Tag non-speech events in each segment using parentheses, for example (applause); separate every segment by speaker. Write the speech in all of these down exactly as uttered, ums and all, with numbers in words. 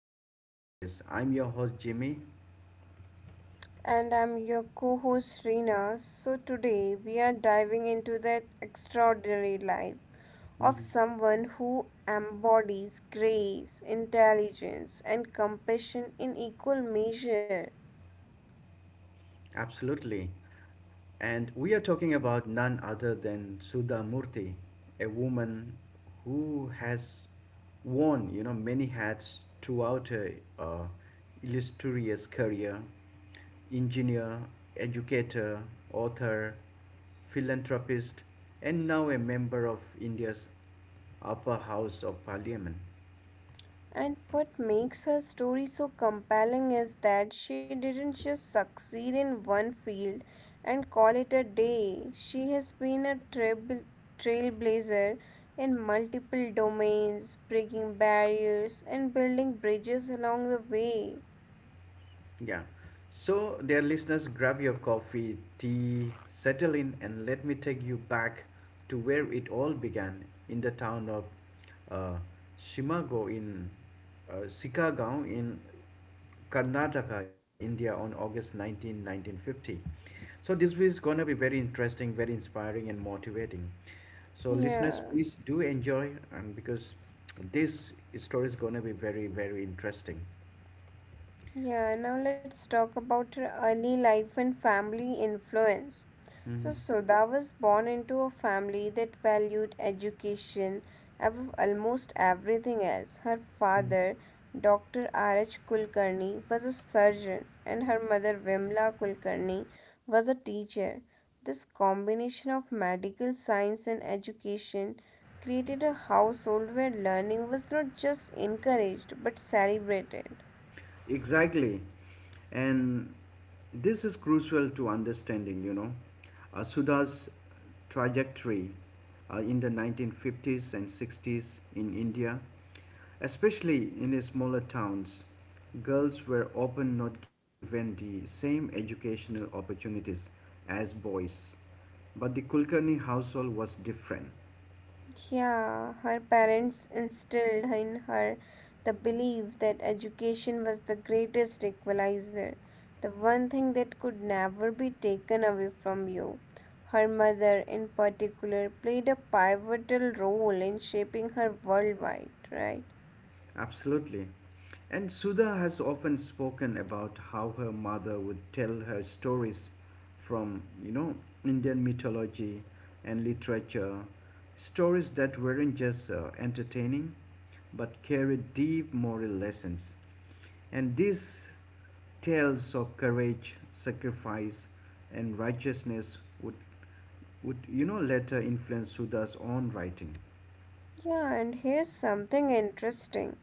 Speaker 1: in meaningful ways. I'm your host, Jimmy.
Speaker 2: And I'm your co host Reena. So, today we are diving into the extraordinary life of someone who embodies grace, intelligence, and compassion in equal measure.
Speaker 1: Absolutely. And we are talking about none other than Sudha Murthy, a woman who has worn, you know, many hats throughout her uh, illustrious career. Engineer, educator, author, philanthropist, and now a member of India's upper house of parliament.
Speaker 2: And what makes her story so compelling is that she didn't just succeed in one field and call it a day. She has been a trail- trailblazer in multiple domains, breaking barriers and building bridges along the way.
Speaker 1: Yeah. So, dear listeners, grab your coffee, tea, settle in, and let me take you back to where it all began in the town of uh, Shimago in uh, Sikagaon in Karnataka, India, on August nineteenth, nineteen, nineteen fifty. So, this is gonna be very interesting, very inspiring, and motivating. So, listeners,
Speaker 2: Yeah.
Speaker 1: please do enjoy, and because this story is gonna be very, very interesting.
Speaker 2: Yeah, now let's talk about her early life and family influence. So,
Speaker 1: Mhm.
Speaker 2: Sudha was born into a family that valued education above almost everything else. Her father, doctor R H. Kulkarni, was a surgeon, and her mother, Vimla Kulkarni, was a teacher. This combination of medical science and education created a household where learning was not just encouraged but celebrated.
Speaker 1: Exactly. And this is crucial to understanding, you know, uh, Sudha's trajectory uh, in the nineteen fifties and sixties in India, especially in the smaller towns. Girls were often not given the same educational opportunities as boys, but the Kulkarni household was different.
Speaker 2: Yeah, her parents instilled in her the belief that education was the greatest equalizer, the one thing that could never be taken away from you. Her mother, in particular, played a pivotal role in shaping her worldwide, right?
Speaker 1: Absolutely. And Sudha has often spoken about how her mother would tell her stories from, you know, Indian mythology and literature, stories that weren't just uh, entertaining but carried deep moral lessons. And these tales of courage, sacrifice, and righteousness would, would you know, later influence Sudha's own writing.
Speaker 2: Yeah, and here's something interesting.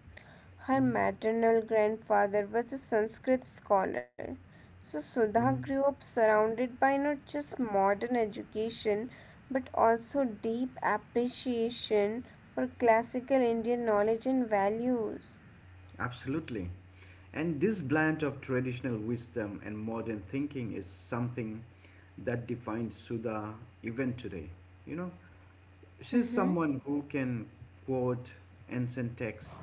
Speaker 2: Her
Speaker 1: Mhm.
Speaker 2: maternal grandfather was a Sanskrit scholar, so
Speaker 1: Mhm.
Speaker 2: Sudha grew up surrounded by not just modern education but also deep appreciation for classical Indian knowledge and values.
Speaker 1: Absolutely. And this blend of traditional wisdom and modern thinking is something that defines Sudha even today. You know, she's
Speaker 2: Mhm.
Speaker 1: someone who can quote ancient text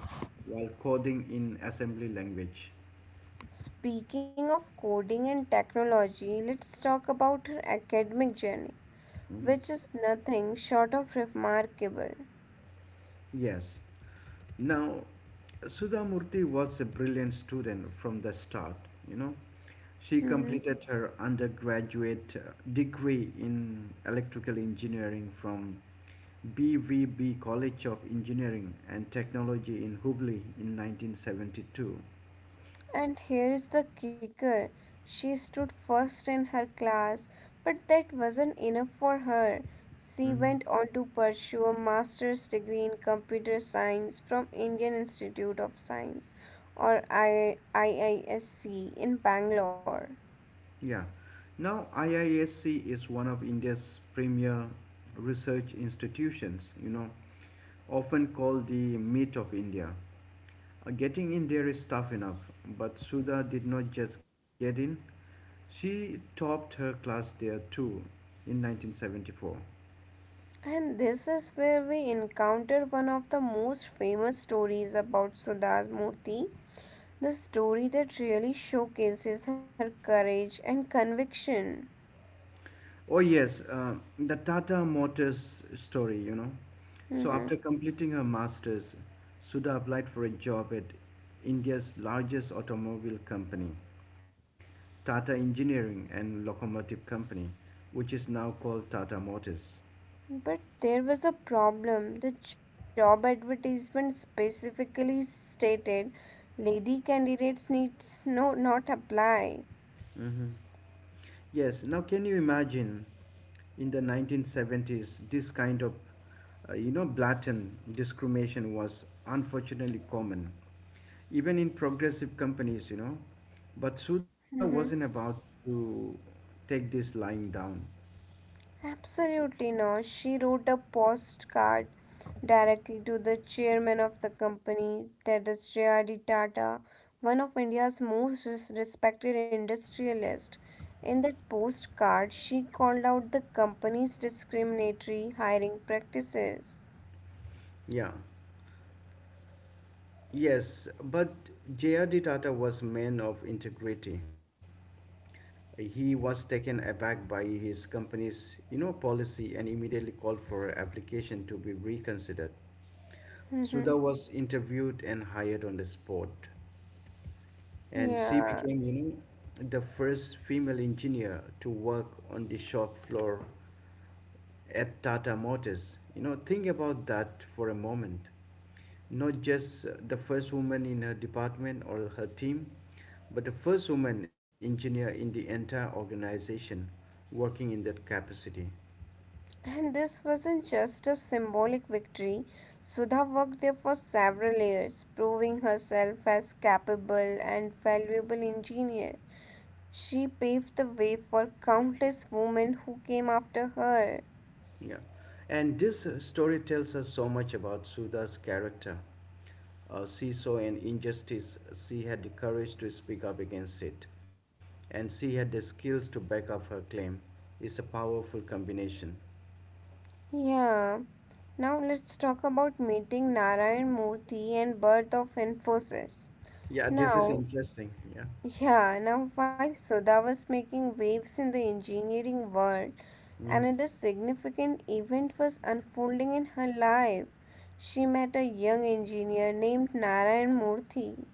Speaker 1: while coding in assembly language.
Speaker 2: Speaking of coding and technology, let's talk about her academic journey,
Speaker 1: Mm.
Speaker 2: which is nothing short of remarkable.
Speaker 1: Yes. Now, Sudha Murthy was a brilliant student from the start, you know. She
Speaker 2: Mhm.
Speaker 1: completed her undergraduate uh, degree in electrical engineering from B V B College of Engineering and Technology in Hubli in nineteen seventy-two.
Speaker 2: And here is the kicker. She stood first in her class, but that wasn't enough for her. She
Speaker 1: Mhm.
Speaker 2: went on to pursue a master's degree in computer science from Indian Institute of Science, or I- IISc, in Bangalore.
Speaker 1: Yeah. Now, I I S c is one of India's premier research institutions, you know, often called the meat of India. Uh, Getting in there is tough enough, but Sudha did not just get in, she topped her class there too in nineteen seventy-four.
Speaker 2: And this is where we encounter one of the most famous stories about Sudha Murthy, the story that really showcases her courage and conviction.
Speaker 1: Oh yes, uh, the Tata Motors story, you know. So after
Speaker 2: Mhm.
Speaker 1: completing her masters, Sudha applied for a job at India's largest automobile company, Tata Engineering and Locomotive Company, which is now called Tata Motors.
Speaker 2: But there was a problem. The job advertisement specifically stated lady candidates needs no not apply.
Speaker 1: Hmm. Yes, now can you imagine in the nineteen seventies this kind of uh, you know blatant discrimination was unfortunately common even in progressive companies, you know. But Suda wasn't
Speaker 2: Mhm.
Speaker 1: about to take this lying down.
Speaker 2: Absolutely not. She wrote a postcard directly to the chairman of the company, that is J R D. Tata, one of India's most res- respected industrialists. In that postcard, she called out the company's discriminatory hiring practices.
Speaker 1: Yeah. Yes, but J R D. Tata was man of integrity. He was taken aback by his company's, you know, policy and immediately called for application to be reconsidered. Sudha
Speaker 2: Mhm.
Speaker 1: was interviewed and hired on the spot, and she
Speaker 2: Yeah,
Speaker 1: became, you know, the first female engineer to work on the shop floor at Tata Motors. You know, think about that for a moment. Not just uh, the first woman in her department or her team, but the first woman engineer in the entire organization working in that capacity.
Speaker 2: and this wasn't just a symbolic victory. Sudha worked there for several years, proving herself as capable and valuable engineer. She paved the way for countless women who came after her.
Speaker 1: Yeah. And this uh, story tells us so much about Sudha's character. Uh, she saw an injustice, she had the courage to speak up against it, and she had the skills to back up her claim. It's a powerful combination.
Speaker 2: Yeah, now let's talk about meeting Narayan Murthy and birth of Infosys.
Speaker 1: Yeah, this is
Speaker 2: Now,
Speaker 1: interesting. Yeah.
Speaker 2: yeah, now while Sudha was making waves in the engineering world,
Speaker 1: Mhm.
Speaker 2: another significant event was unfolding in her life. She met a young engineer named Narayan Murthy.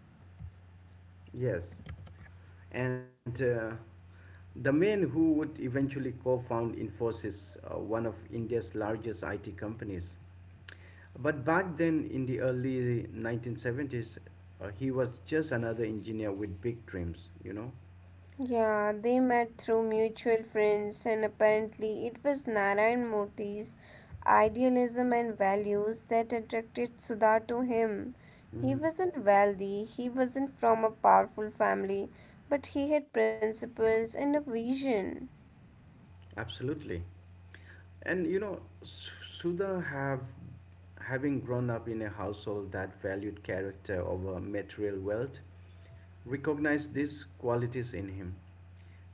Speaker 1: Yes. And uh, the man who would eventually co found Infosys, uh, one of India's largest I T companies. But back then, in the early nineteen seventies, uh, he was just another engineer with big dreams, you know?
Speaker 2: Yeah, they met through mutual friends, and apparently, it was Narayan Murthy's idealism and values that attracted Sudha to him. He
Speaker 1: Mhm.
Speaker 2: wasn't wealthy, he wasn't from a powerful family, but he had principles and a vision.
Speaker 1: Absolutely. And you know, S- Sudha have having grown up in a household that valued character over material wealth, recognized these qualities in him.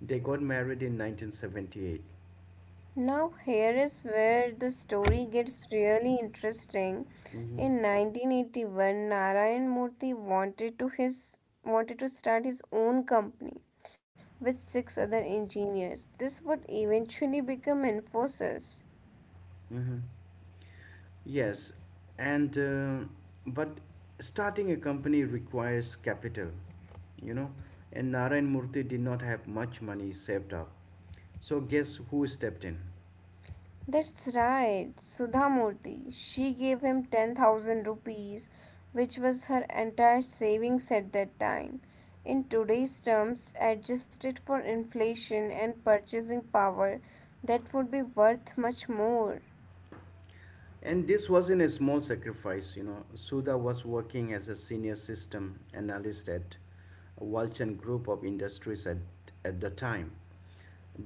Speaker 1: They got married in nineteen seventy-eight.
Speaker 2: Now, here is where the story gets really interesting. In
Speaker 1: Mm-hmm.
Speaker 2: nineteen eighty-one, Narayan Murthy wanted to his wanted to start his own company with six other engineers. This would eventually become Infosys.
Speaker 1: Mm-hmm. Yes, and uh, but starting a company requires capital, you know, and Narayan Murthy did not have much money saved up. So guess who stepped in?
Speaker 2: That's right, Sudhamurthy. She gave him ten thousand rupees, which was her entire savings at that time. In today's terms, adjusted for inflation and purchasing power, that would be worth much more.
Speaker 1: And this wasn't a small sacrifice, you know. Sudha was working as a senior system analyst at Walchan Group of Industries at, at the time.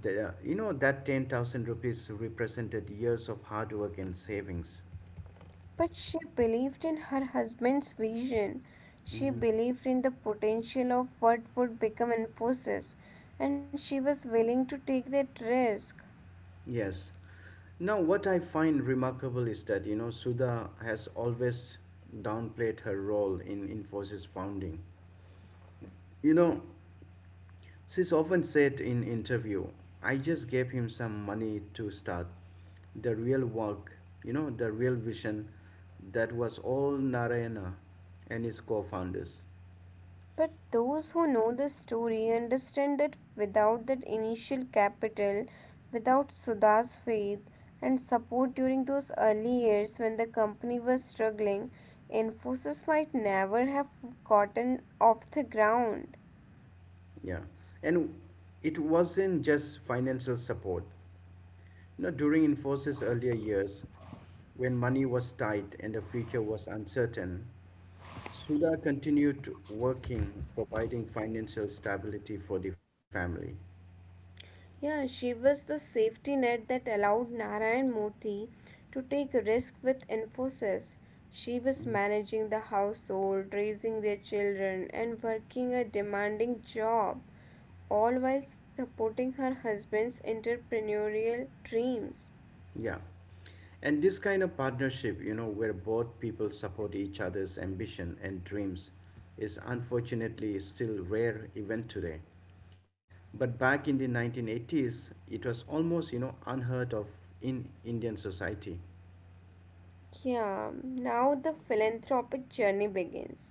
Speaker 1: The, you know, that ten thousand rupees represented years of hard work and savings.
Speaker 2: But she believed in her husband's vision. She
Speaker 1: Mhm.
Speaker 2: believed in the potential of what would become Infosys, and she was willing to take that risk.
Speaker 1: Yes. Now, what I find remarkable is that, you know, Sudha has always downplayed her role in Infosys founding. You know, she's often said in interview, I just gave him some money to start. The real work, you know, the real vision, that was all Narayana and his co-founders.
Speaker 2: But those who know the story understand that without that initial capital, without Sudha's faith and support during those early years when the company was struggling, Infosys might never have gotten off the ground.
Speaker 1: Yeah. And it wasn't just financial support. You know, during Infosys earlier years, when money was tight and the future was uncertain, Sudha continued working, providing financial stability for the family.
Speaker 2: Yeah, she was the safety net that allowed Narayan Murthy to take risk with Infosys. She was
Speaker 1: Mhm.
Speaker 2: managing the household, raising their children, and working a demanding job, all while supporting her husband's entrepreneurial dreams.
Speaker 1: Yeah. And this kind of partnership, you know, where both people support each other's ambition and dreams, is unfortunately still rare even today. But back in the nineteen eighties, it was almost, you know, unheard of in Indian society.
Speaker 2: Yeah, now the philanthropic journey begins.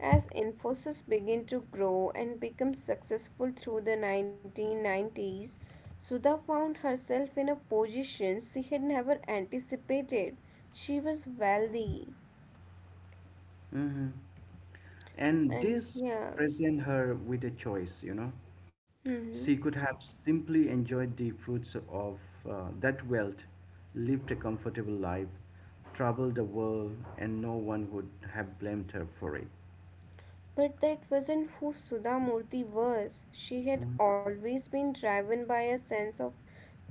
Speaker 2: As Infosys began to grow and become successful through the nineteen nineties, Sudha found herself in a position she had never anticipated. She was wealthy,
Speaker 1: Mm-hmm. And
Speaker 2: and
Speaker 1: this
Speaker 2: yeah,
Speaker 1: present her with a choice, you know. She
Speaker 2: hmm,
Speaker 1: could have simply enjoyed the fruits of uh, that wealth, lived a comfortable life, traveled the world, and no one would have blamed her for it.
Speaker 2: but that wasn't who Sudha Murthy was. She had always been driven by a sense of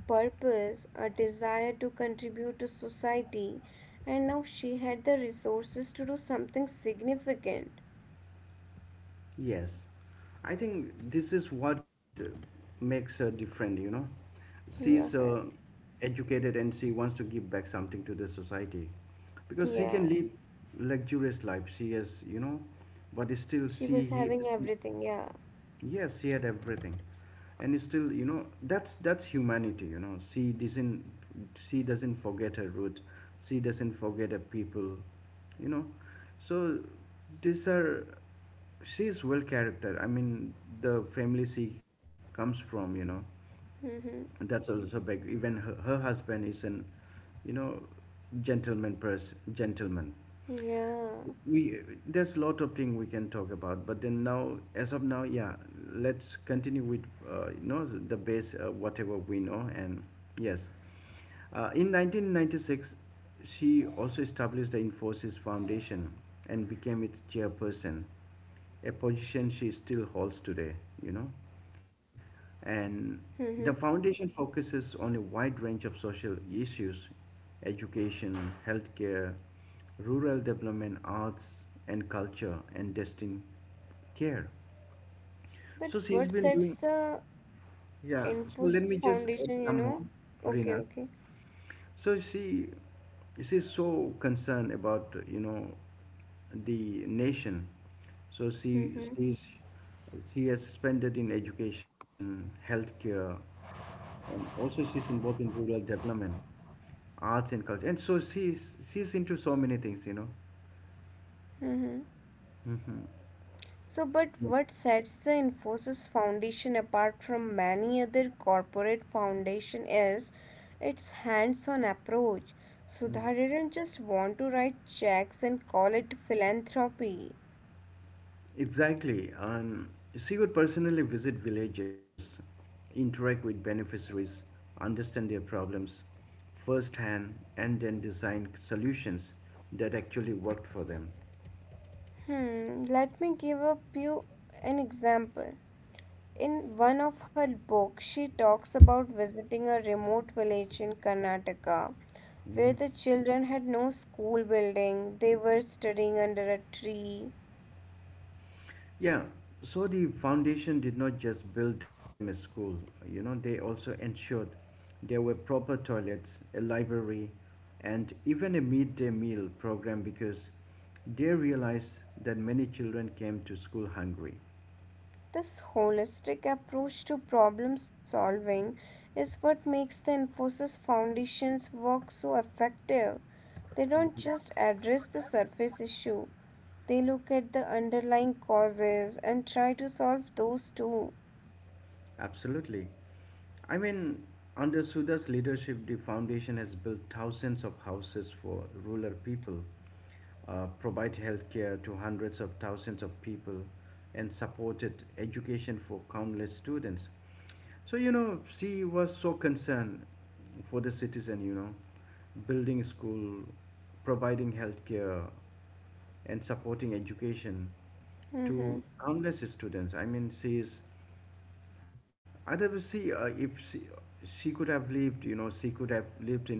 Speaker 2: purpose, a desire to contribute to society, and now she had the resources to do something significant.
Speaker 1: Yes, I think this is what uh, makes her different, you know. She's
Speaker 2: Yeah.
Speaker 1: uh, educated and she wants to give back something to the society because she
Speaker 2: Yeah,
Speaker 1: can live luxurious life. She has, you know, but still
Speaker 2: she
Speaker 1: she,
Speaker 2: was
Speaker 1: he,
Speaker 2: having
Speaker 1: she
Speaker 2: everything. Yeah.
Speaker 1: Yes, he had everything, and still, you know, that's that's humanity. You know, she doesn't she doesn't forget her roots. She doesn't forget her people. You know, so these are she's well character. I mean, the family she comes from. You know,
Speaker 2: Mm-hmm.
Speaker 1: that's also big. Even her, her husband is an, you know, gentleman person. Gentleman
Speaker 2: Yeah.
Speaker 1: we there's a lot of thing we can talk about but then now as of now yeah let's continue with uh, you know the base uh, whatever we know and yes uh, in nineteen ninety-six she also established the Infosys Foundation and became its chairperson, a position she still holds today, you know. And
Speaker 2: Mm-hmm.
Speaker 1: the foundation focuses on a wide range of social issues: education, healthcare, rural development, arts and culture, and destined care.
Speaker 2: But
Speaker 1: So she's
Speaker 2: what
Speaker 1: been
Speaker 2: sets
Speaker 1: doing,
Speaker 2: the
Speaker 1: yeah. So let
Speaker 2: Infosys
Speaker 1: me just add
Speaker 2: Foundation, you
Speaker 1: some more,
Speaker 2: know? Okay,
Speaker 1: Rina.
Speaker 2: okay.
Speaker 1: So she she's so concerned about you know the nation. So she
Speaker 2: Mm-hmm.
Speaker 1: she's, she has spent in education, healthcare, and also she's involved in rural development, arts and culture. And so she's she's into so many things, you know.
Speaker 2: Mm-hmm.
Speaker 1: Hmm.
Speaker 2: So, but what sets the Infosys Foundation apart from many other corporate foundation is its hands-on approach. Sudha didn't just want to write checks and call it philanthropy.
Speaker 1: Exactly. Um, she would personally visit villages, interact with beneficiaries, understand their problems firsthand, and then design solutions that actually worked for them.
Speaker 2: Hmm, let me give up you an example. In one of her books, she talks about visiting a remote village in Karnataka where
Speaker 1: Hmm.
Speaker 2: the children had no school building, they were studying under a tree.
Speaker 1: Yeah, so the foundation did not just build them a school, you know, they also ensured there were proper toilets, a library, and even a midday meal program because they realized that many children came to school hungry.
Speaker 2: This holistic approach to problem solving is what makes the Infosys Foundation's work so effective. They don't just address the surface issue, they look at the underlying causes and try to solve those too.
Speaker 1: Absolutely. I mean, under Suda's leadership, the foundation has built thousands of houses for rural people, uh, provide healthcare to hundreds of thousands of people, and supported education for countless students. So, you know, she was so concerned for the citizen, you know, building school, providing healthcare, and supporting education to
Speaker 2: Hmm.
Speaker 1: countless students. I mean, she is I see uh, if she, she could have lived, you know, she could have lived in,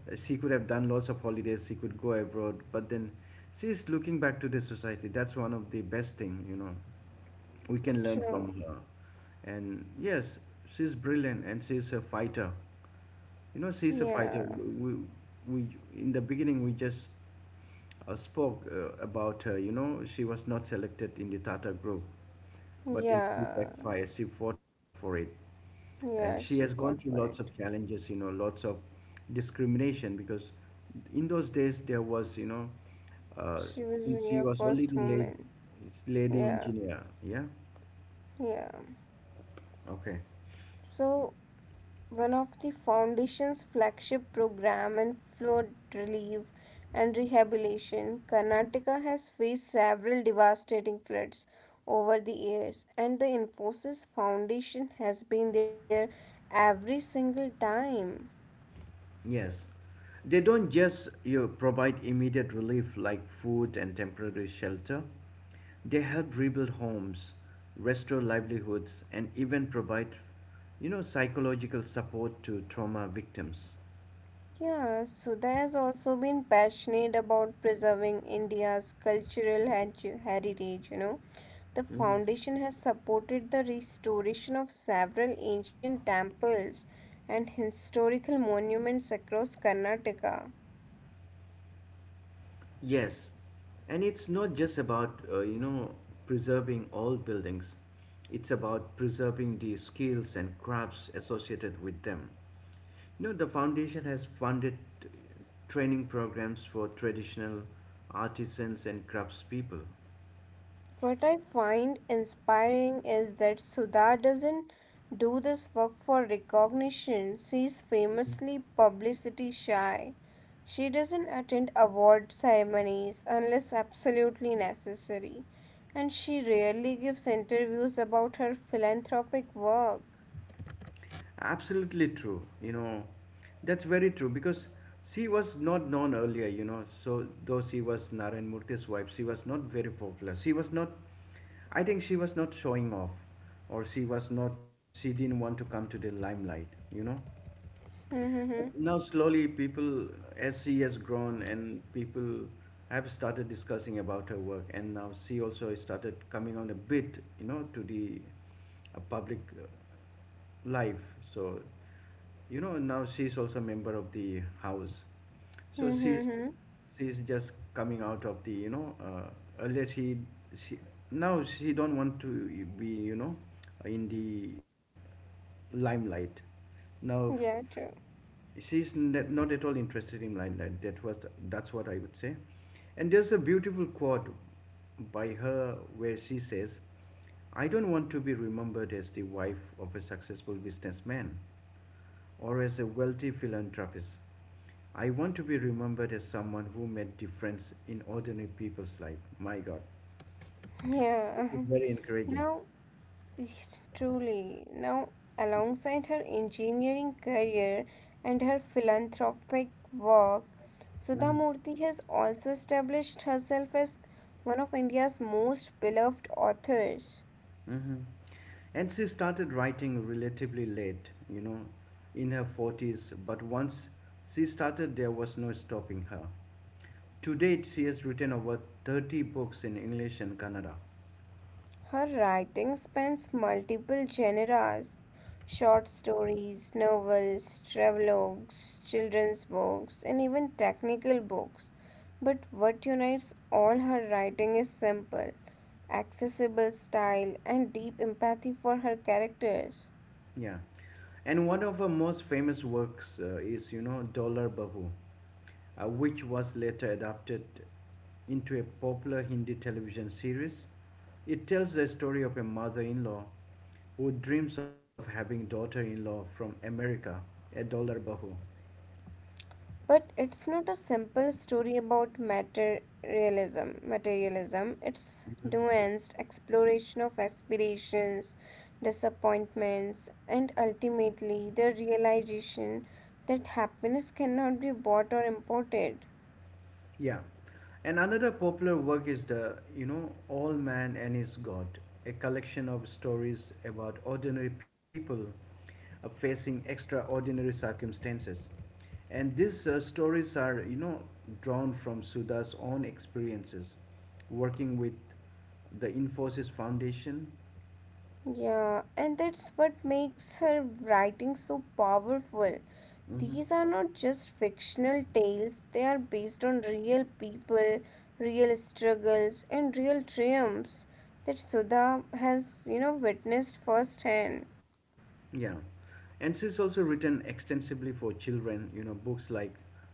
Speaker 1: she could have done lots of holidays, she could go abroad, but then she's looking back to the society. That's one of the best thing, you know, we can learn from
Speaker 2: True.
Speaker 1: her. And yes, she's brilliant and she's a fighter. You know, she's a
Speaker 2: Yeah.
Speaker 1: fighter. We, we, we in the beginning we just uh, spoke uh, about her. You know, she was not selected in the Tata group, but then she
Speaker 2: Yeah,
Speaker 1: backfired. She fought for it, and she
Speaker 2: yeah,
Speaker 1: has
Speaker 2: she
Speaker 1: gone through
Speaker 2: fought
Speaker 1: lots
Speaker 2: for
Speaker 1: of
Speaker 2: it.
Speaker 1: challenges. You know, lots of discrimination because in those days there was, you know, uh,
Speaker 2: She was
Speaker 1: since she
Speaker 2: your
Speaker 1: was only
Speaker 2: first
Speaker 1: the lady,
Speaker 2: woman.
Speaker 1: lady
Speaker 2: Yeah,
Speaker 1: engineer. Yeah.
Speaker 2: yeah.
Speaker 1: Okay.
Speaker 2: So, one of the foundation's flagship program in flood relief and rehabilitation, Karnataka has faced several devastating floods over the years, and the Infosys Foundation has been there every single time.
Speaker 1: Yes. They don't just you know, provide immediate relief like food and temporary shelter, they help rebuild homes, restore livelihoods, and even provide you know, psychological support to trauma victims.
Speaker 2: Yeah, Sudha has also been passionate about preserving India's cultural heri- heritage, you know. The
Speaker 1: Hmm.
Speaker 2: foundation has supported the restoration of several ancient temples and historical monuments across Karnataka.
Speaker 1: Yes, and it's not just about uh, you know preserving old buildings. It's about preserving the skills and crafts associated with them. No, the foundation has funded uh, training programs for traditional artisans and craftspeople.
Speaker 2: What I find inspiring is that Sudha doesn't do this work for recognition. She's famously publicity shy. She doesn't attend award ceremonies unless absolutely necessary, and she rarely gives interviews about her philanthropic work.
Speaker 1: Absolutely true. You know, that's very true because she was not known earlier. You know, so though she was Narayan Murthy's wife, she was not very popular. She was not. I think she was not showing off, or she was not. She didn't want to come to the limelight. You know.
Speaker 2: (laughs) Hmm, hmm,
Speaker 1: But now slowly people, as she has grown and people have started discussing about her work and now she also started coming on a bit, you know, to the uh, public uh, life. So, you know, now she's also a member of the house. So
Speaker 2: hmm,
Speaker 1: she's
Speaker 2: hmm, hmm.
Speaker 1: she's just coming out of the, you know, uh, earlier she, she, now she don't want to be, you know, in the limelight. Now
Speaker 2: Yeah, true.
Speaker 1: she's not at all interested in limelight. That was the, that's what I would say. And there's a beautiful quote by her where she says, "I don't want to be remembered as the wife of a successful businessman or as a wealthy philanthropist. I want to be remembered as someone who made difference in ordinary people's life." My God, this is
Speaker 2: Yeah.
Speaker 1: very
Speaker 2: (laughs)
Speaker 1: encouraging.
Speaker 2: Now, truly. Now, alongside her engineering career and her philanthropic work, Sudha
Speaker 1: Mhm.
Speaker 2: Murthy has also established herself as one of India's most beloved authors.
Speaker 1: hmm And she started writing relatively late, you know, in her forties, but once she started, there was no stopping her. To date, she has written over thirty books in English and Kannada.
Speaker 2: Her writing spans multiple genres: short stories, novels, travelogues, children's books, and even technical books. But what unites all her writing is simple, accessible style, and deep empathy for her characters.
Speaker 1: Yeah, and one of her most famous works uh, is, you know, Dollar Bahu, uh, which was later adapted into a popular Hindi television series. It tells the story of a mother-in-law who dreams of having daughter-in-law from America, a dollar bahu.
Speaker 2: But it's not a simple story about materialism. Materialism. It's
Speaker 1: Mhm.
Speaker 2: nuanced exploration of aspirations, disappointments, and ultimately the realization that happiness cannot be bought or imported.
Speaker 1: Yeah. And another popular work is the, you know, All Man and His God, a collection of stories about ordinary people uh, facing extraordinary circumstances. And these uh, stories are, you know, drawn from Sudha's own experiences working with the Infosys Foundation.
Speaker 2: Yeah, and that's what makes her writing so powerful.
Speaker 1: Mhm.
Speaker 2: These are not just fictional tales, they are based on real people, real struggles, and real triumphs that Sudha has, you know, witnessed firsthand.
Speaker 1: Yeah. And she's also written extensively for children, you know, books like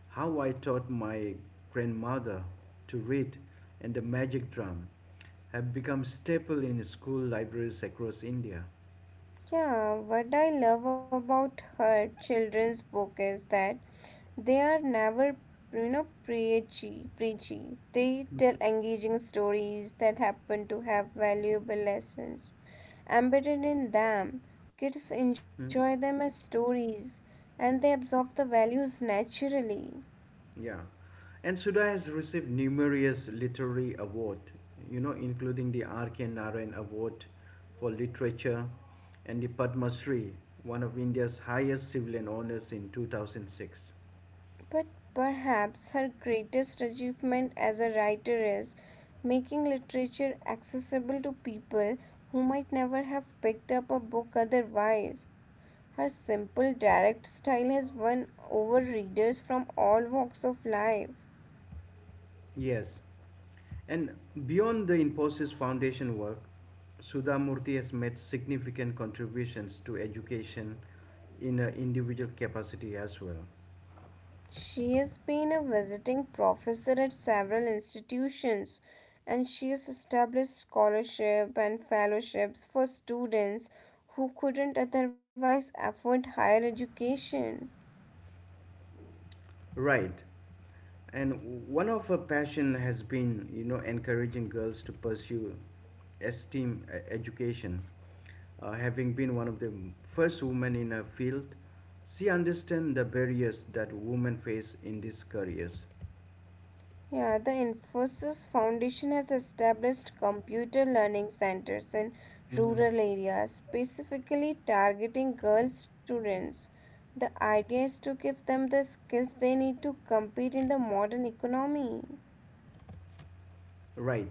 Speaker 1: How I Taught My Grandmother to Read and The Magic Drum have become staple in school libraries across India.
Speaker 2: Yeah, what I love about her children's book is that they are never, you know, preachy, preachy. They tell engaging stories that happen to have valuable lessons embedded in them. Kids
Speaker 1: Mm,
Speaker 2: enjoy them as stories and they absorb the values naturally.
Speaker 1: yeah. And Sudha has received numerous literary awards, you know, including the R K. Narayan Award for Literature and the Padma Shri, one of India's highest civilian honors in two thousand six.
Speaker 2: But perhaps her greatest achievement as a writer is making literature accessible to people who might never have picked up a book otherwise. Her simple, direct style has won over readers from all walks of life.
Speaker 1: Yes, and beyond the Infosys Foundation work, Sudha Murthy has made significant contributions to education in her individual capacity as well.
Speaker 2: She has been a visiting professor at several institutions and she has established scholarship and fellowships for students who couldn't otherwise afford higher education.
Speaker 1: Right. And one of her passion has been, you know, encouraging girls to pursue STEAM e- education. Uh, having been one of the first women in her field, she understands the barriers that women face in these careers.
Speaker 2: Yeah, the Infosys Foundation has established computer learning centers in
Speaker 1: Mhm.
Speaker 2: rural areas, specifically targeting girl students. The idea is to give them the skills they need to compete in the modern economy.
Speaker 1: Right.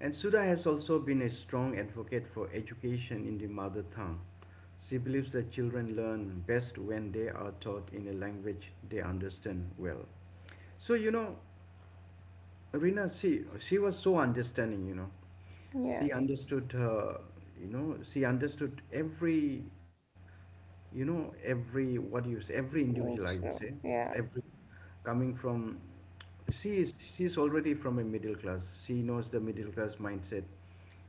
Speaker 1: And Sudha has also been a strong advocate for education in the mother tongue. She believes that children learn best when they are taught in a language they understand well. So, you know, Rina, she, she was so understanding, you know.
Speaker 2: Yeah.
Speaker 1: She understood, uh, you know, she understood every, you know, every, what do you say, every individual, I would
Speaker 2: True.
Speaker 1: say,
Speaker 2: Yeah.
Speaker 1: every, coming from she is she's already from a middle class. She knows the middle class mindset,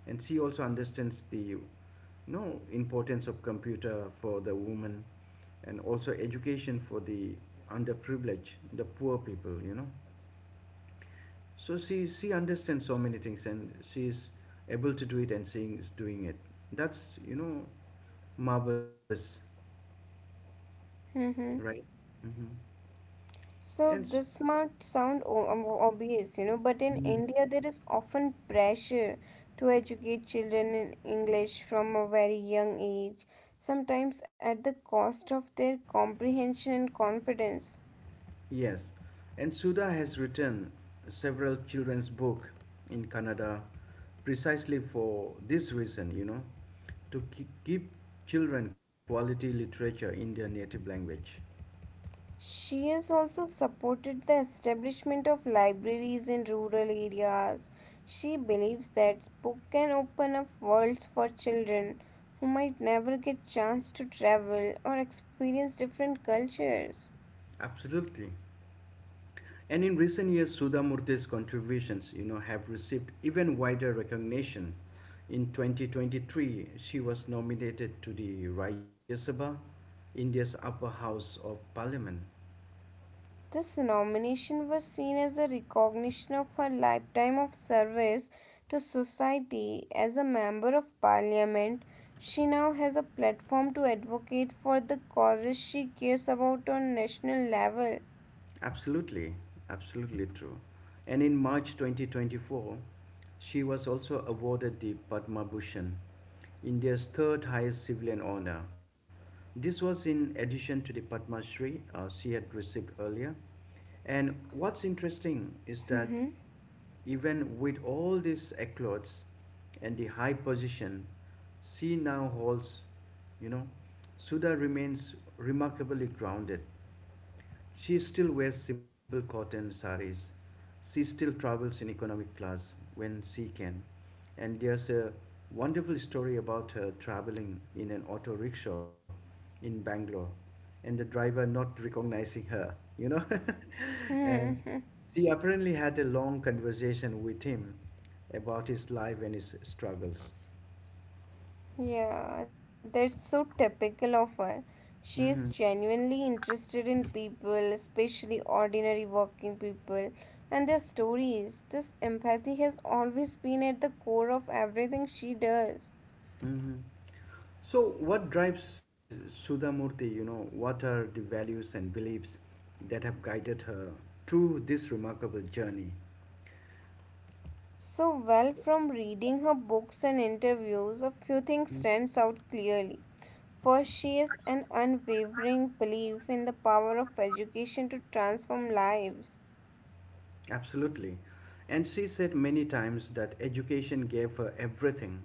Speaker 1: and she also understands the, you know importance of computer for the woman, and also education for the underprivileged, the poor people, you know. So she she understands so many things, and she's able to do it, and she's doing it. That's, you know marvelous.
Speaker 2: Mm-hmm.
Speaker 1: Right. hmm
Speaker 2: So
Speaker 1: and s-
Speaker 2: this might sound o- um, o- obvious, you know, but in
Speaker 1: Mm.
Speaker 2: India there is often pressure to educate children in English from a very young age, sometimes at the cost of their comprehension and confidence.
Speaker 1: Yes, and Suda has written several children's book in Kannada precisely for this reason, you know, to ki- give children quality literature in their native language.
Speaker 2: She has also supported the establishment of libraries in rural areas. She believes that book can open up worlds for children who might never get chance to travel or experience different cultures.
Speaker 1: Absolutely. And in recent years, Sudha Murthy's contributions, you know, have received even wider recognition. In twenty twenty-three, she was nominated to the Rajya Sabha, India's upper house of parliament.
Speaker 2: This nomination was seen as a recognition of her lifetime of service to society. As a member of parliament, she now has a platform to advocate for the causes she cares about on national level.
Speaker 1: Absolutely, absolutely true. And in March twenty twenty-four, she was also awarded the Padma Bhushan, India's third highest civilian honor. This was in addition to the Padma Shri uh, she had received earlier. And what's interesting is that even with all these accolades and the high position she now holds, you know, Sudha remains remarkably grounded. She still wears simple cotton saris. She still travels in economic class when she can. And there's a wonderful story about her traveling in an auto rickshaw in Bangalore and the driver not recognizing her, you know. (laughs) And
Speaker 2: Mm-hmm.
Speaker 1: she apparently had a long conversation with him about his life and his struggles.
Speaker 2: (laughs) Yeah, that's so typical of her. She is
Speaker 1: hmm
Speaker 2: genuinely interested in people, especially ordinary working people, and their stories. This empathy has always been at the core of everything she does.
Speaker 1: hmm So, what drives uh, Sudhamurti? You know, what are the values and beliefs that have guided her through this remarkable journey?
Speaker 2: So, well, from reading her books and interviews, a few things stands out clearly. First, she is an unwavering belief in the power of education to transform lives.
Speaker 1: Absolutely. And she said many times that education gave her everything.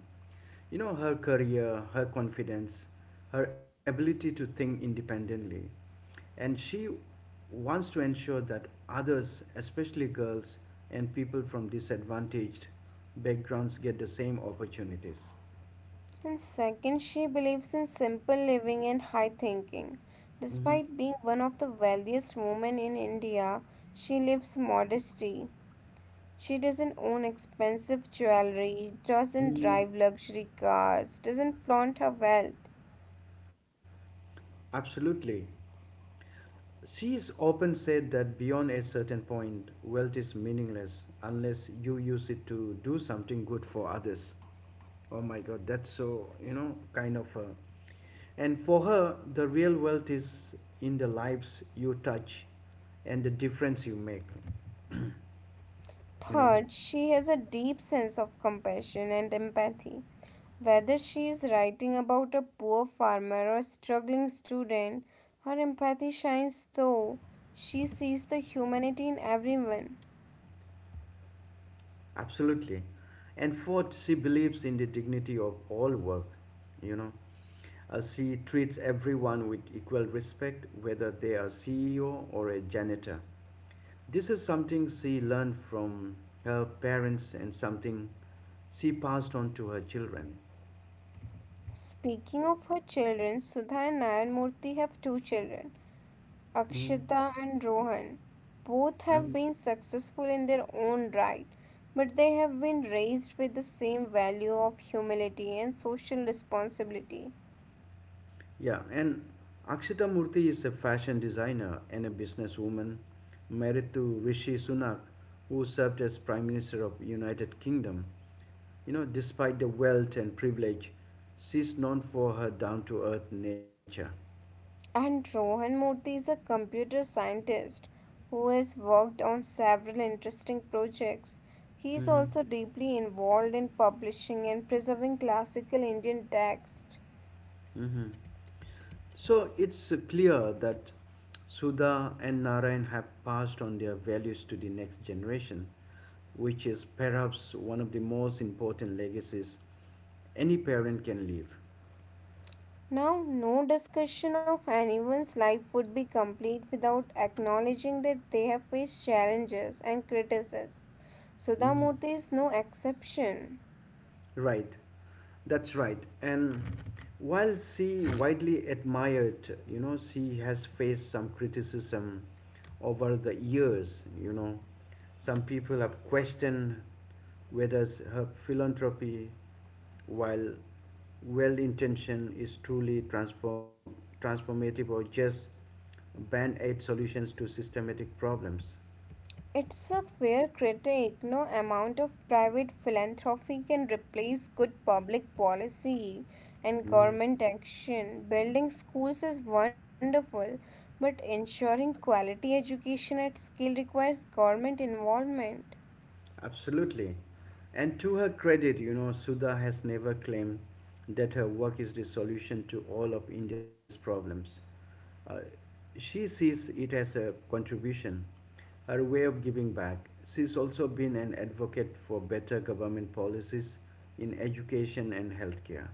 Speaker 1: You know, her career, her confidence, her ability to think independently. And she wants to ensure that others, especially girls and people from disadvantaged backgrounds, get the same opportunities.
Speaker 2: And second, she believes in simple living and high thinking.
Speaker 1: Mm-hmm.
Speaker 2: Despite being one of the wealthiest women in India, she lives modestly. She doesn't own expensive jewelry, doesn't
Speaker 1: Mm,
Speaker 2: drive luxury cars, doesn't flaunt her wealth.
Speaker 1: absolutely. She has often said that beyond a certain point, wealth is meaningless unless you use it to do something good for others. Oh my god, that's so, you know, kind of her. And for her, the real wealth is in the lives you touch and the difference you make, you know.
Speaker 2: Third, she has a deep sense of compassion and empathy. Whether she is writing about a poor farmer or a struggling student, her empathy shines through. She sees the humanity in everyone.
Speaker 1: Absolutely. And fourth, she believes in the dignity of all work, you know. Uh, she treats everyone with equal respect, whether they are C E O or a janitor. This is something she learned from her parents and something she passed on to her children.
Speaker 2: Speaking of her children, Sudha and Nayanmurthy have two children,
Speaker 1: Mm-hmm.
Speaker 2: Akshita and Rohan. Both have been successful in their own right, but they have been raised with the same value of humility and social responsibility.
Speaker 1: Yeah, and Akshita Murthy is a fashion designer and a businesswoman married to Rishi Sunak, who served as Prime Minister of United Kingdom. You know, despite the wealth and privilege, she's known for her down-to-earth nature.
Speaker 2: And Rohan Murthy is a computer scientist who has worked on several interesting projects. He is
Speaker 1: hmm
Speaker 2: also deeply involved in publishing and preserving classical Indian texts.
Speaker 1: hmm So it's clear that Sudha and Narayan have passed on their values to the next generation, which is perhaps one of the most important legacies any parent can leave.
Speaker 2: Now, no discussion of anyone's life would be complete without acknowledging that they have faced challenges and criticism.
Speaker 1: Mhm.
Speaker 2: Sudhamurthy is no exception.
Speaker 1: Right, that's right. And while she widely admired, you know, she has faced some criticism over the years. You know, some people have questioned whether s- her philanthropy, while well intentioned, is truly transform- transformative or just band aid solutions to systematic problems.
Speaker 2: It's a fair critic. No amount of private philanthropy can replace good public policy and
Speaker 1: Mhm.
Speaker 2: government action. Building schools is wonderful, but ensuring quality education at scale requires government involvement.
Speaker 1: Absolutely. And to her credit, you know, Sudha has never claimed that her work is the solution to all of India's problems. Uh, she sees it as a contribution, her way of giving back. She's also been an advocate for better government policies in education and healthcare.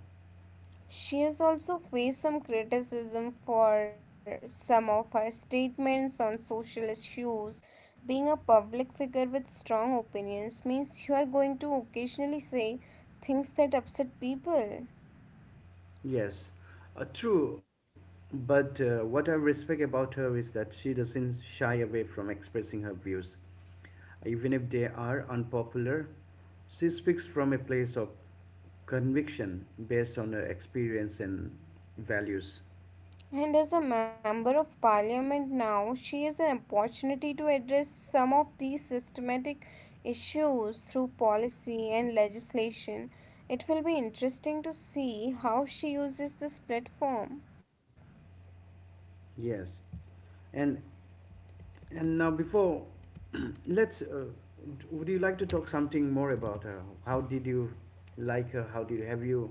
Speaker 2: She has also faced some criticism for some of her statements on social issues. Being a public figure with strong opinions means you are going to occasionally say things that upset people.
Speaker 1: Yes, uh, true. But uh, what I respect about her is that she doesn't shy away from expressing her views, even if they are unpopular. She speaks from a place of conviction based on her experience and values.
Speaker 2: And as a member of parliament now, she has an opportunity to address some of these systematic issues through policy and legislation. It will be interesting to see how she uses this platform.
Speaker 1: Yes, and and now before, (clears throat) let's. Uh, would you like to talk something more about her? How did you like her? How did have you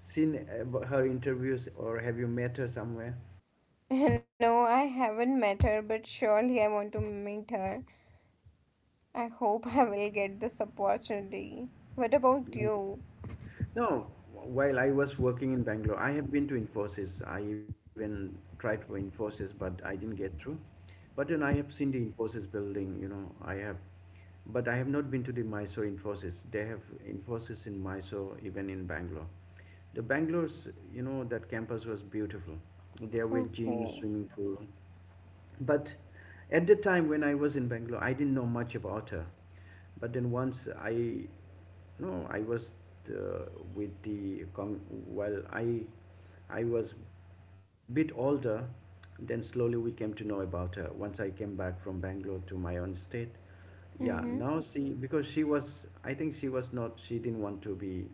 Speaker 1: seen ab- her interviews, or have you met her somewhere?
Speaker 2: (laughs) No, I haven't met her, but surely I want to meet her. I hope I will get this opportunity. What about
Speaker 1: Mm.
Speaker 2: you?
Speaker 1: No, while I was working in Bangalore, I have been to Infosys. I even tried for Infosys, but I didn't get through. But then I have seen the Infosys building, you know, I have, but I have not been to the Mysore Infosys. They have Infosys in Mysore, even in Bangalore. The Bangalore's, you know, that campus was beautiful. There were gyms,
Speaker 2: Okay.
Speaker 1: swimming pool. But at the time when I was in Bangalore, I didn't know much about her. But then once I, no, I was uh, with the, con- well, I I was a bit older. Then slowly we came to know about her. Once I came back from Bangalore to my own state, yeah.
Speaker 2: Mm-hmm.
Speaker 1: Now see, because she was, I think she was not. She didn't want to be,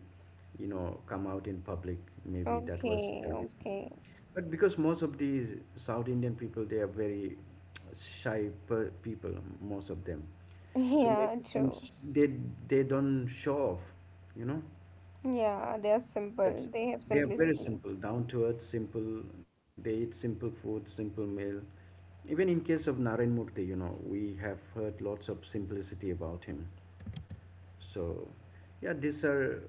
Speaker 1: you know, come out in public. Maybe that was the
Speaker 2: Okay,
Speaker 1: reason.
Speaker 2: okay.
Speaker 1: But because most of these South Indian people, they are very shy per- people, most of them.
Speaker 2: (laughs)
Speaker 1: So
Speaker 2: Yeah,
Speaker 1: maybe then
Speaker 2: true.
Speaker 1: sh- they they don't show off, you know.
Speaker 2: Yeah, they are
Speaker 1: That
Speaker 2: simple. They have
Speaker 1: they're very simple,
Speaker 2: simplicity.
Speaker 1: down to earth, simple. They eat simple food, simple meal. Even in case of Narayan Murthy, you know, we have heard lots of simplicity about him. So yeah, these are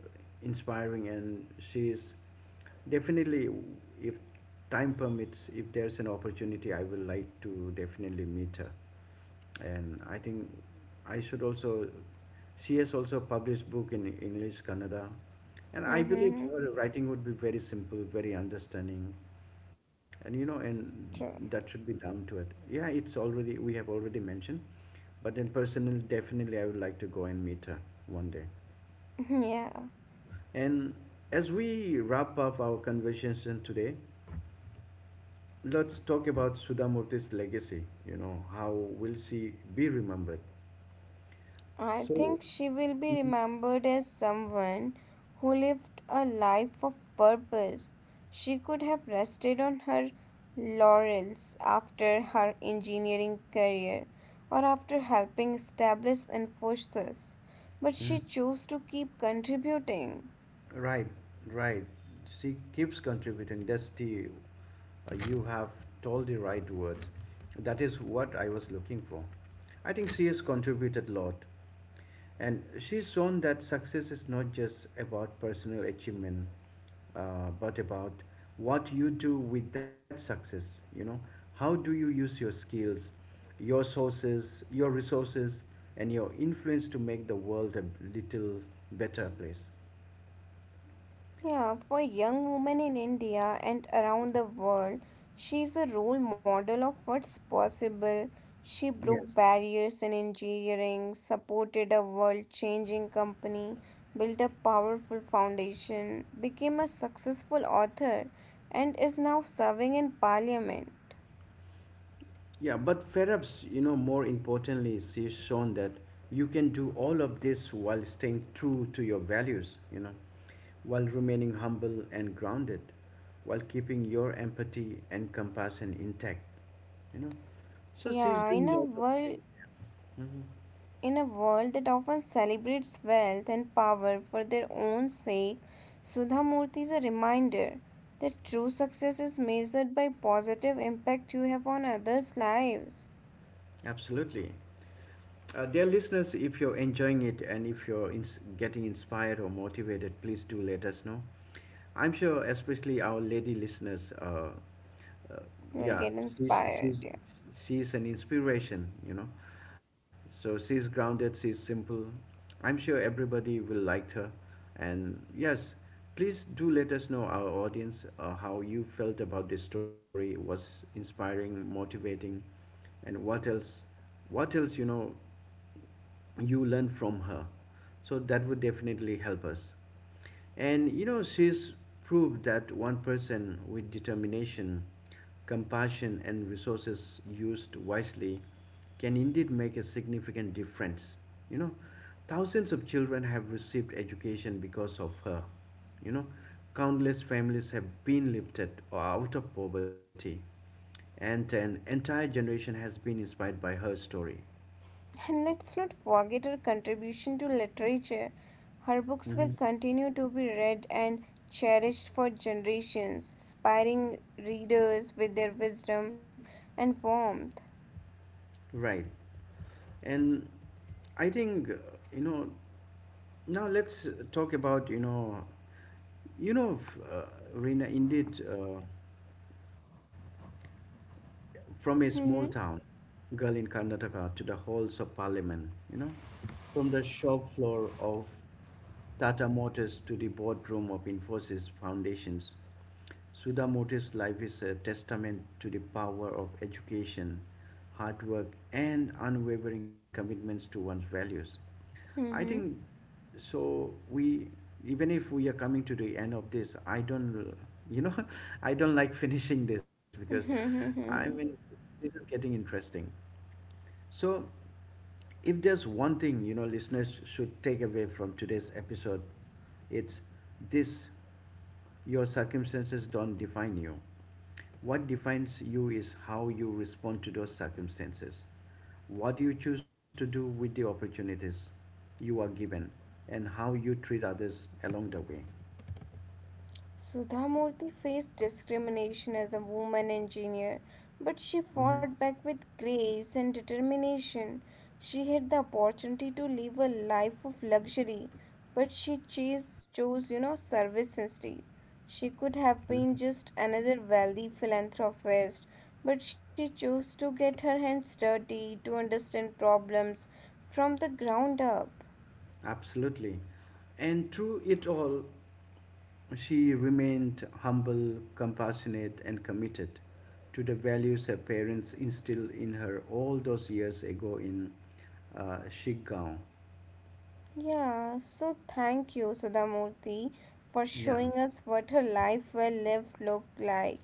Speaker 1: inspiring, and she is definitely, if time permits, if there's an opportunity, I will like to definitely meet her. And I think I should also, she has also published book in English, Kannada, and I believe
Speaker 2: Mm-hmm.
Speaker 1: her writing would be very simple, very understanding, and you know, and
Speaker 2: True.
Speaker 1: that should be down to it. Yeah, it's already, we have already mentioned, but in personal, definitely I would like to go and meet her one day.
Speaker 2: (laughs) Yeah.
Speaker 1: And as we wrap up our conversation today, let's talk about Sudhamurti's legacy. You know, how will she be remembered?
Speaker 2: I
Speaker 1: So,
Speaker 2: think she will be remembered as someone who lived a life of purpose. She could have rested on her laurels after her engineering career or after helping establish Infosys, but
Speaker 1: Mhm.
Speaker 2: she chose to keep contributing.
Speaker 1: Right, right. She keeps contributing. That's the, uh, you have told the right words. That is what I was looking for. I think she has contributed a lot. And she's shown that success is not just about personal achievement, uh, but about what you do with that success. You know, how do you use your skills, your sources, your resources, and your influence to make the world a little better place?
Speaker 2: Yeah, for young women in India and around the world, she is a role model of what's possible. She broke
Speaker 1: Yes.
Speaker 2: barriers in engineering, supported a world changing company, built a powerful foundation, became a successful author, and is now serving in parliament.
Speaker 1: Yeah, but perhaps, you know, more importantly, she's shown that you can do all of this while staying true to your values, you know, while remaining humble and grounded, while keeping your empathy and compassion intact, you know. So she's
Speaker 2: Yeah, in
Speaker 1: doing
Speaker 2: a
Speaker 1: lots of
Speaker 2: world
Speaker 1: things. hmm
Speaker 2: In a world that often celebrates wealth and power for their own sake, Sudha Murthy is a reminder that true success is measured by positive impact you have on others' lives.
Speaker 1: Absolutely. Uh, dear listeners, if you're enjoying it and if you're ins- getting inspired or motivated, please do let us know. I'm sure, especially our lady listeners, uh, uh,
Speaker 2: We'll
Speaker 1: yeah,
Speaker 2: get
Speaker 1: she's,
Speaker 2: inspired,
Speaker 1: she's,
Speaker 2: yeah.
Speaker 1: she's an inspiration, you know. So she's grounded, she's simple. I'm sure everybody will like her. And yes, please do let us know, our audience, uh, how you felt about this story. Was inspiring, motivating, and what else, what else you know, you learn from her, so that would definitely help us. And you know, she's proved that one person with determination, compassion, and resources used wisely can indeed make a significant difference, you know. Thousands of children have received education because of her, you know. Countless families have been lifted out of poverty, and an entire generation has been inspired by her story.
Speaker 2: And let's not forget her contribution to literature. Her books will
Speaker 1: hmm
Speaker 2: continue to be read and cherished for generations, inspiring readers with their wisdom and warmth.
Speaker 1: Right. And I think, uh, you know, now let's talk about, you know, you know, f- uh, Reena, indeed, uh, from a
Speaker 2: Hmm.
Speaker 1: small town girl in Karnataka to the halls of parliament, you know, from the shop floor of Tata Motors to the boardroom of Infosys Foundations. Sudha Motive's life is a testament to the power of education, hard work, and unwavering commitments to one's values. I think so. We, even if we are coming to the end of this, I don't, you know, (laughs) I don't like (laughs) finishing this because I mean,
Speaker 2: Hmm.
Speaker 1: this is getting interesting. So, if there's one thing, you know, listeners should take away from today's episode, it's this: your circumstances don't define you. What defines you is how you respond to those circumstances, what you choose to do with the opportunities you are given, and how you treat others along the way.
Speaker 2: Sudha Murthy faced discrimination as a woman engineer, but she
Speaker 1: Mhm.
Speaker 2: fought back with grace and determination. She had the opportunity to live a life of luxury, but she chase, chose, you know, service instead. She could have
Speaker 1: Mhm.
Speaker 2: been just another wealthy philanthropist, but she chose to get her hands dirty to understand problems from the ground up.
Speaker 1: Absolutely. And through it all, she remained humble, compassionate, and committed to the values her parents instilled in her all those years ago in uh, Shiggaon.
Speaker 2: Yeah, so thank you, Sudhamurti, for
Speaker 1: Yeah,
Speaker 2: showing us what a life well lived looked like.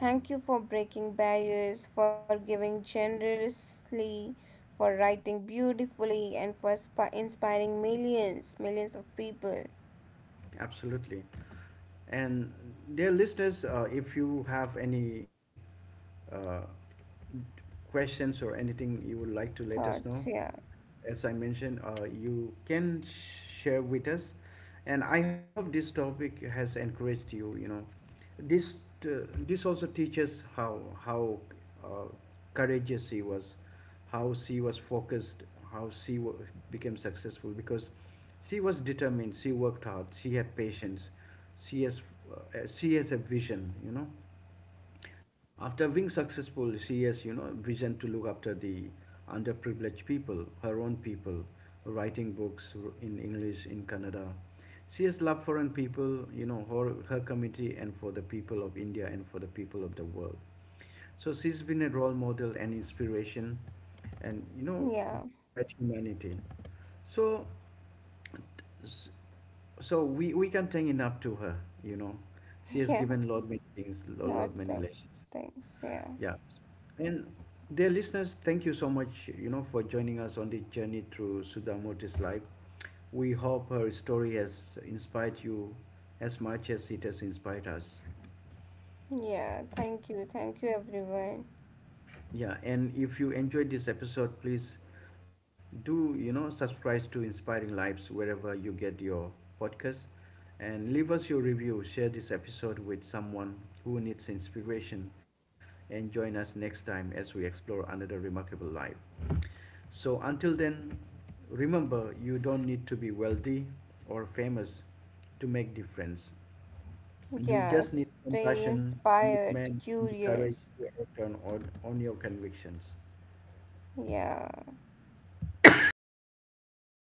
Speaker 2: Thank you for breaking barriers, for giving generously, for writing beautifully, and for spi- inspiring millions, millions of people.
Speaker 1: absolutely. And dear listeners, uh, if you have any uh, questions or anything you would like to let us
Speaker 2: Thoughts,
Speaker 1: know,
Speaker 2: yeah,
Speaker 1: as I mentioned, uh, you can share with us. And I hope this topic has encouraged you. You know, this uh, this also teaches how how uh, courageous she was, how she was focused, how she w- became successful because she was determined. She worked hard. She had patience. She has, uh, she has a vision. You know, after being successful, she has, you know, vision to look after the underprivileged people, her own people, writing books in English, in Kannada. She has love for her people, you know, her, her community, and for the people of India and for the people of the world. So she's been a role model and inspiration, and you know,
Speaker 2: yeah,
Speaker 1: great humanity. So S- So we, we can take it up to her, you know. She
Speaker 2: (laughs)
Speaker 1: has
Speaker 2: yeah,
Speaker 1: given Lord many things, lo- Lord
Speaker 2: lots
Speaker 1: many
Speaker 2: of
Speaker 1: lessons.
Speaker 2: things,
Speaker 1: Yeah.
Speaker 2: yeah.
Speaker 1: And dear listeners, thank you so much, you know, for joining us on this journey through Sudhamurti's life. We hope her story has inspired you as much as it has inspired us.
Speaker 2: Yeah, thank you, thank you, everyone.
Speaker 1: Yeah, and if you enjoyed this episode, please do, you know, subscribe to Inspiring Lives wherever you get your podcast and leave us your review. Share this episode with someone who needs inspiration and join us next time as we explore another remarkable life. So, until then, remember, you don't need to be wealthy or famous to make difference. You
Speaker 2: Yeah,
Speaker 1: just need
Speaker 2: stay
Speaker 1: compassion,
Speaker 2: inspired,
Speaker 1: commitment, and the courage
Speaker 2: curious,
Speaker 1: to act on, on, on your convictions.
Speaker 2: yeah. Stay inspired.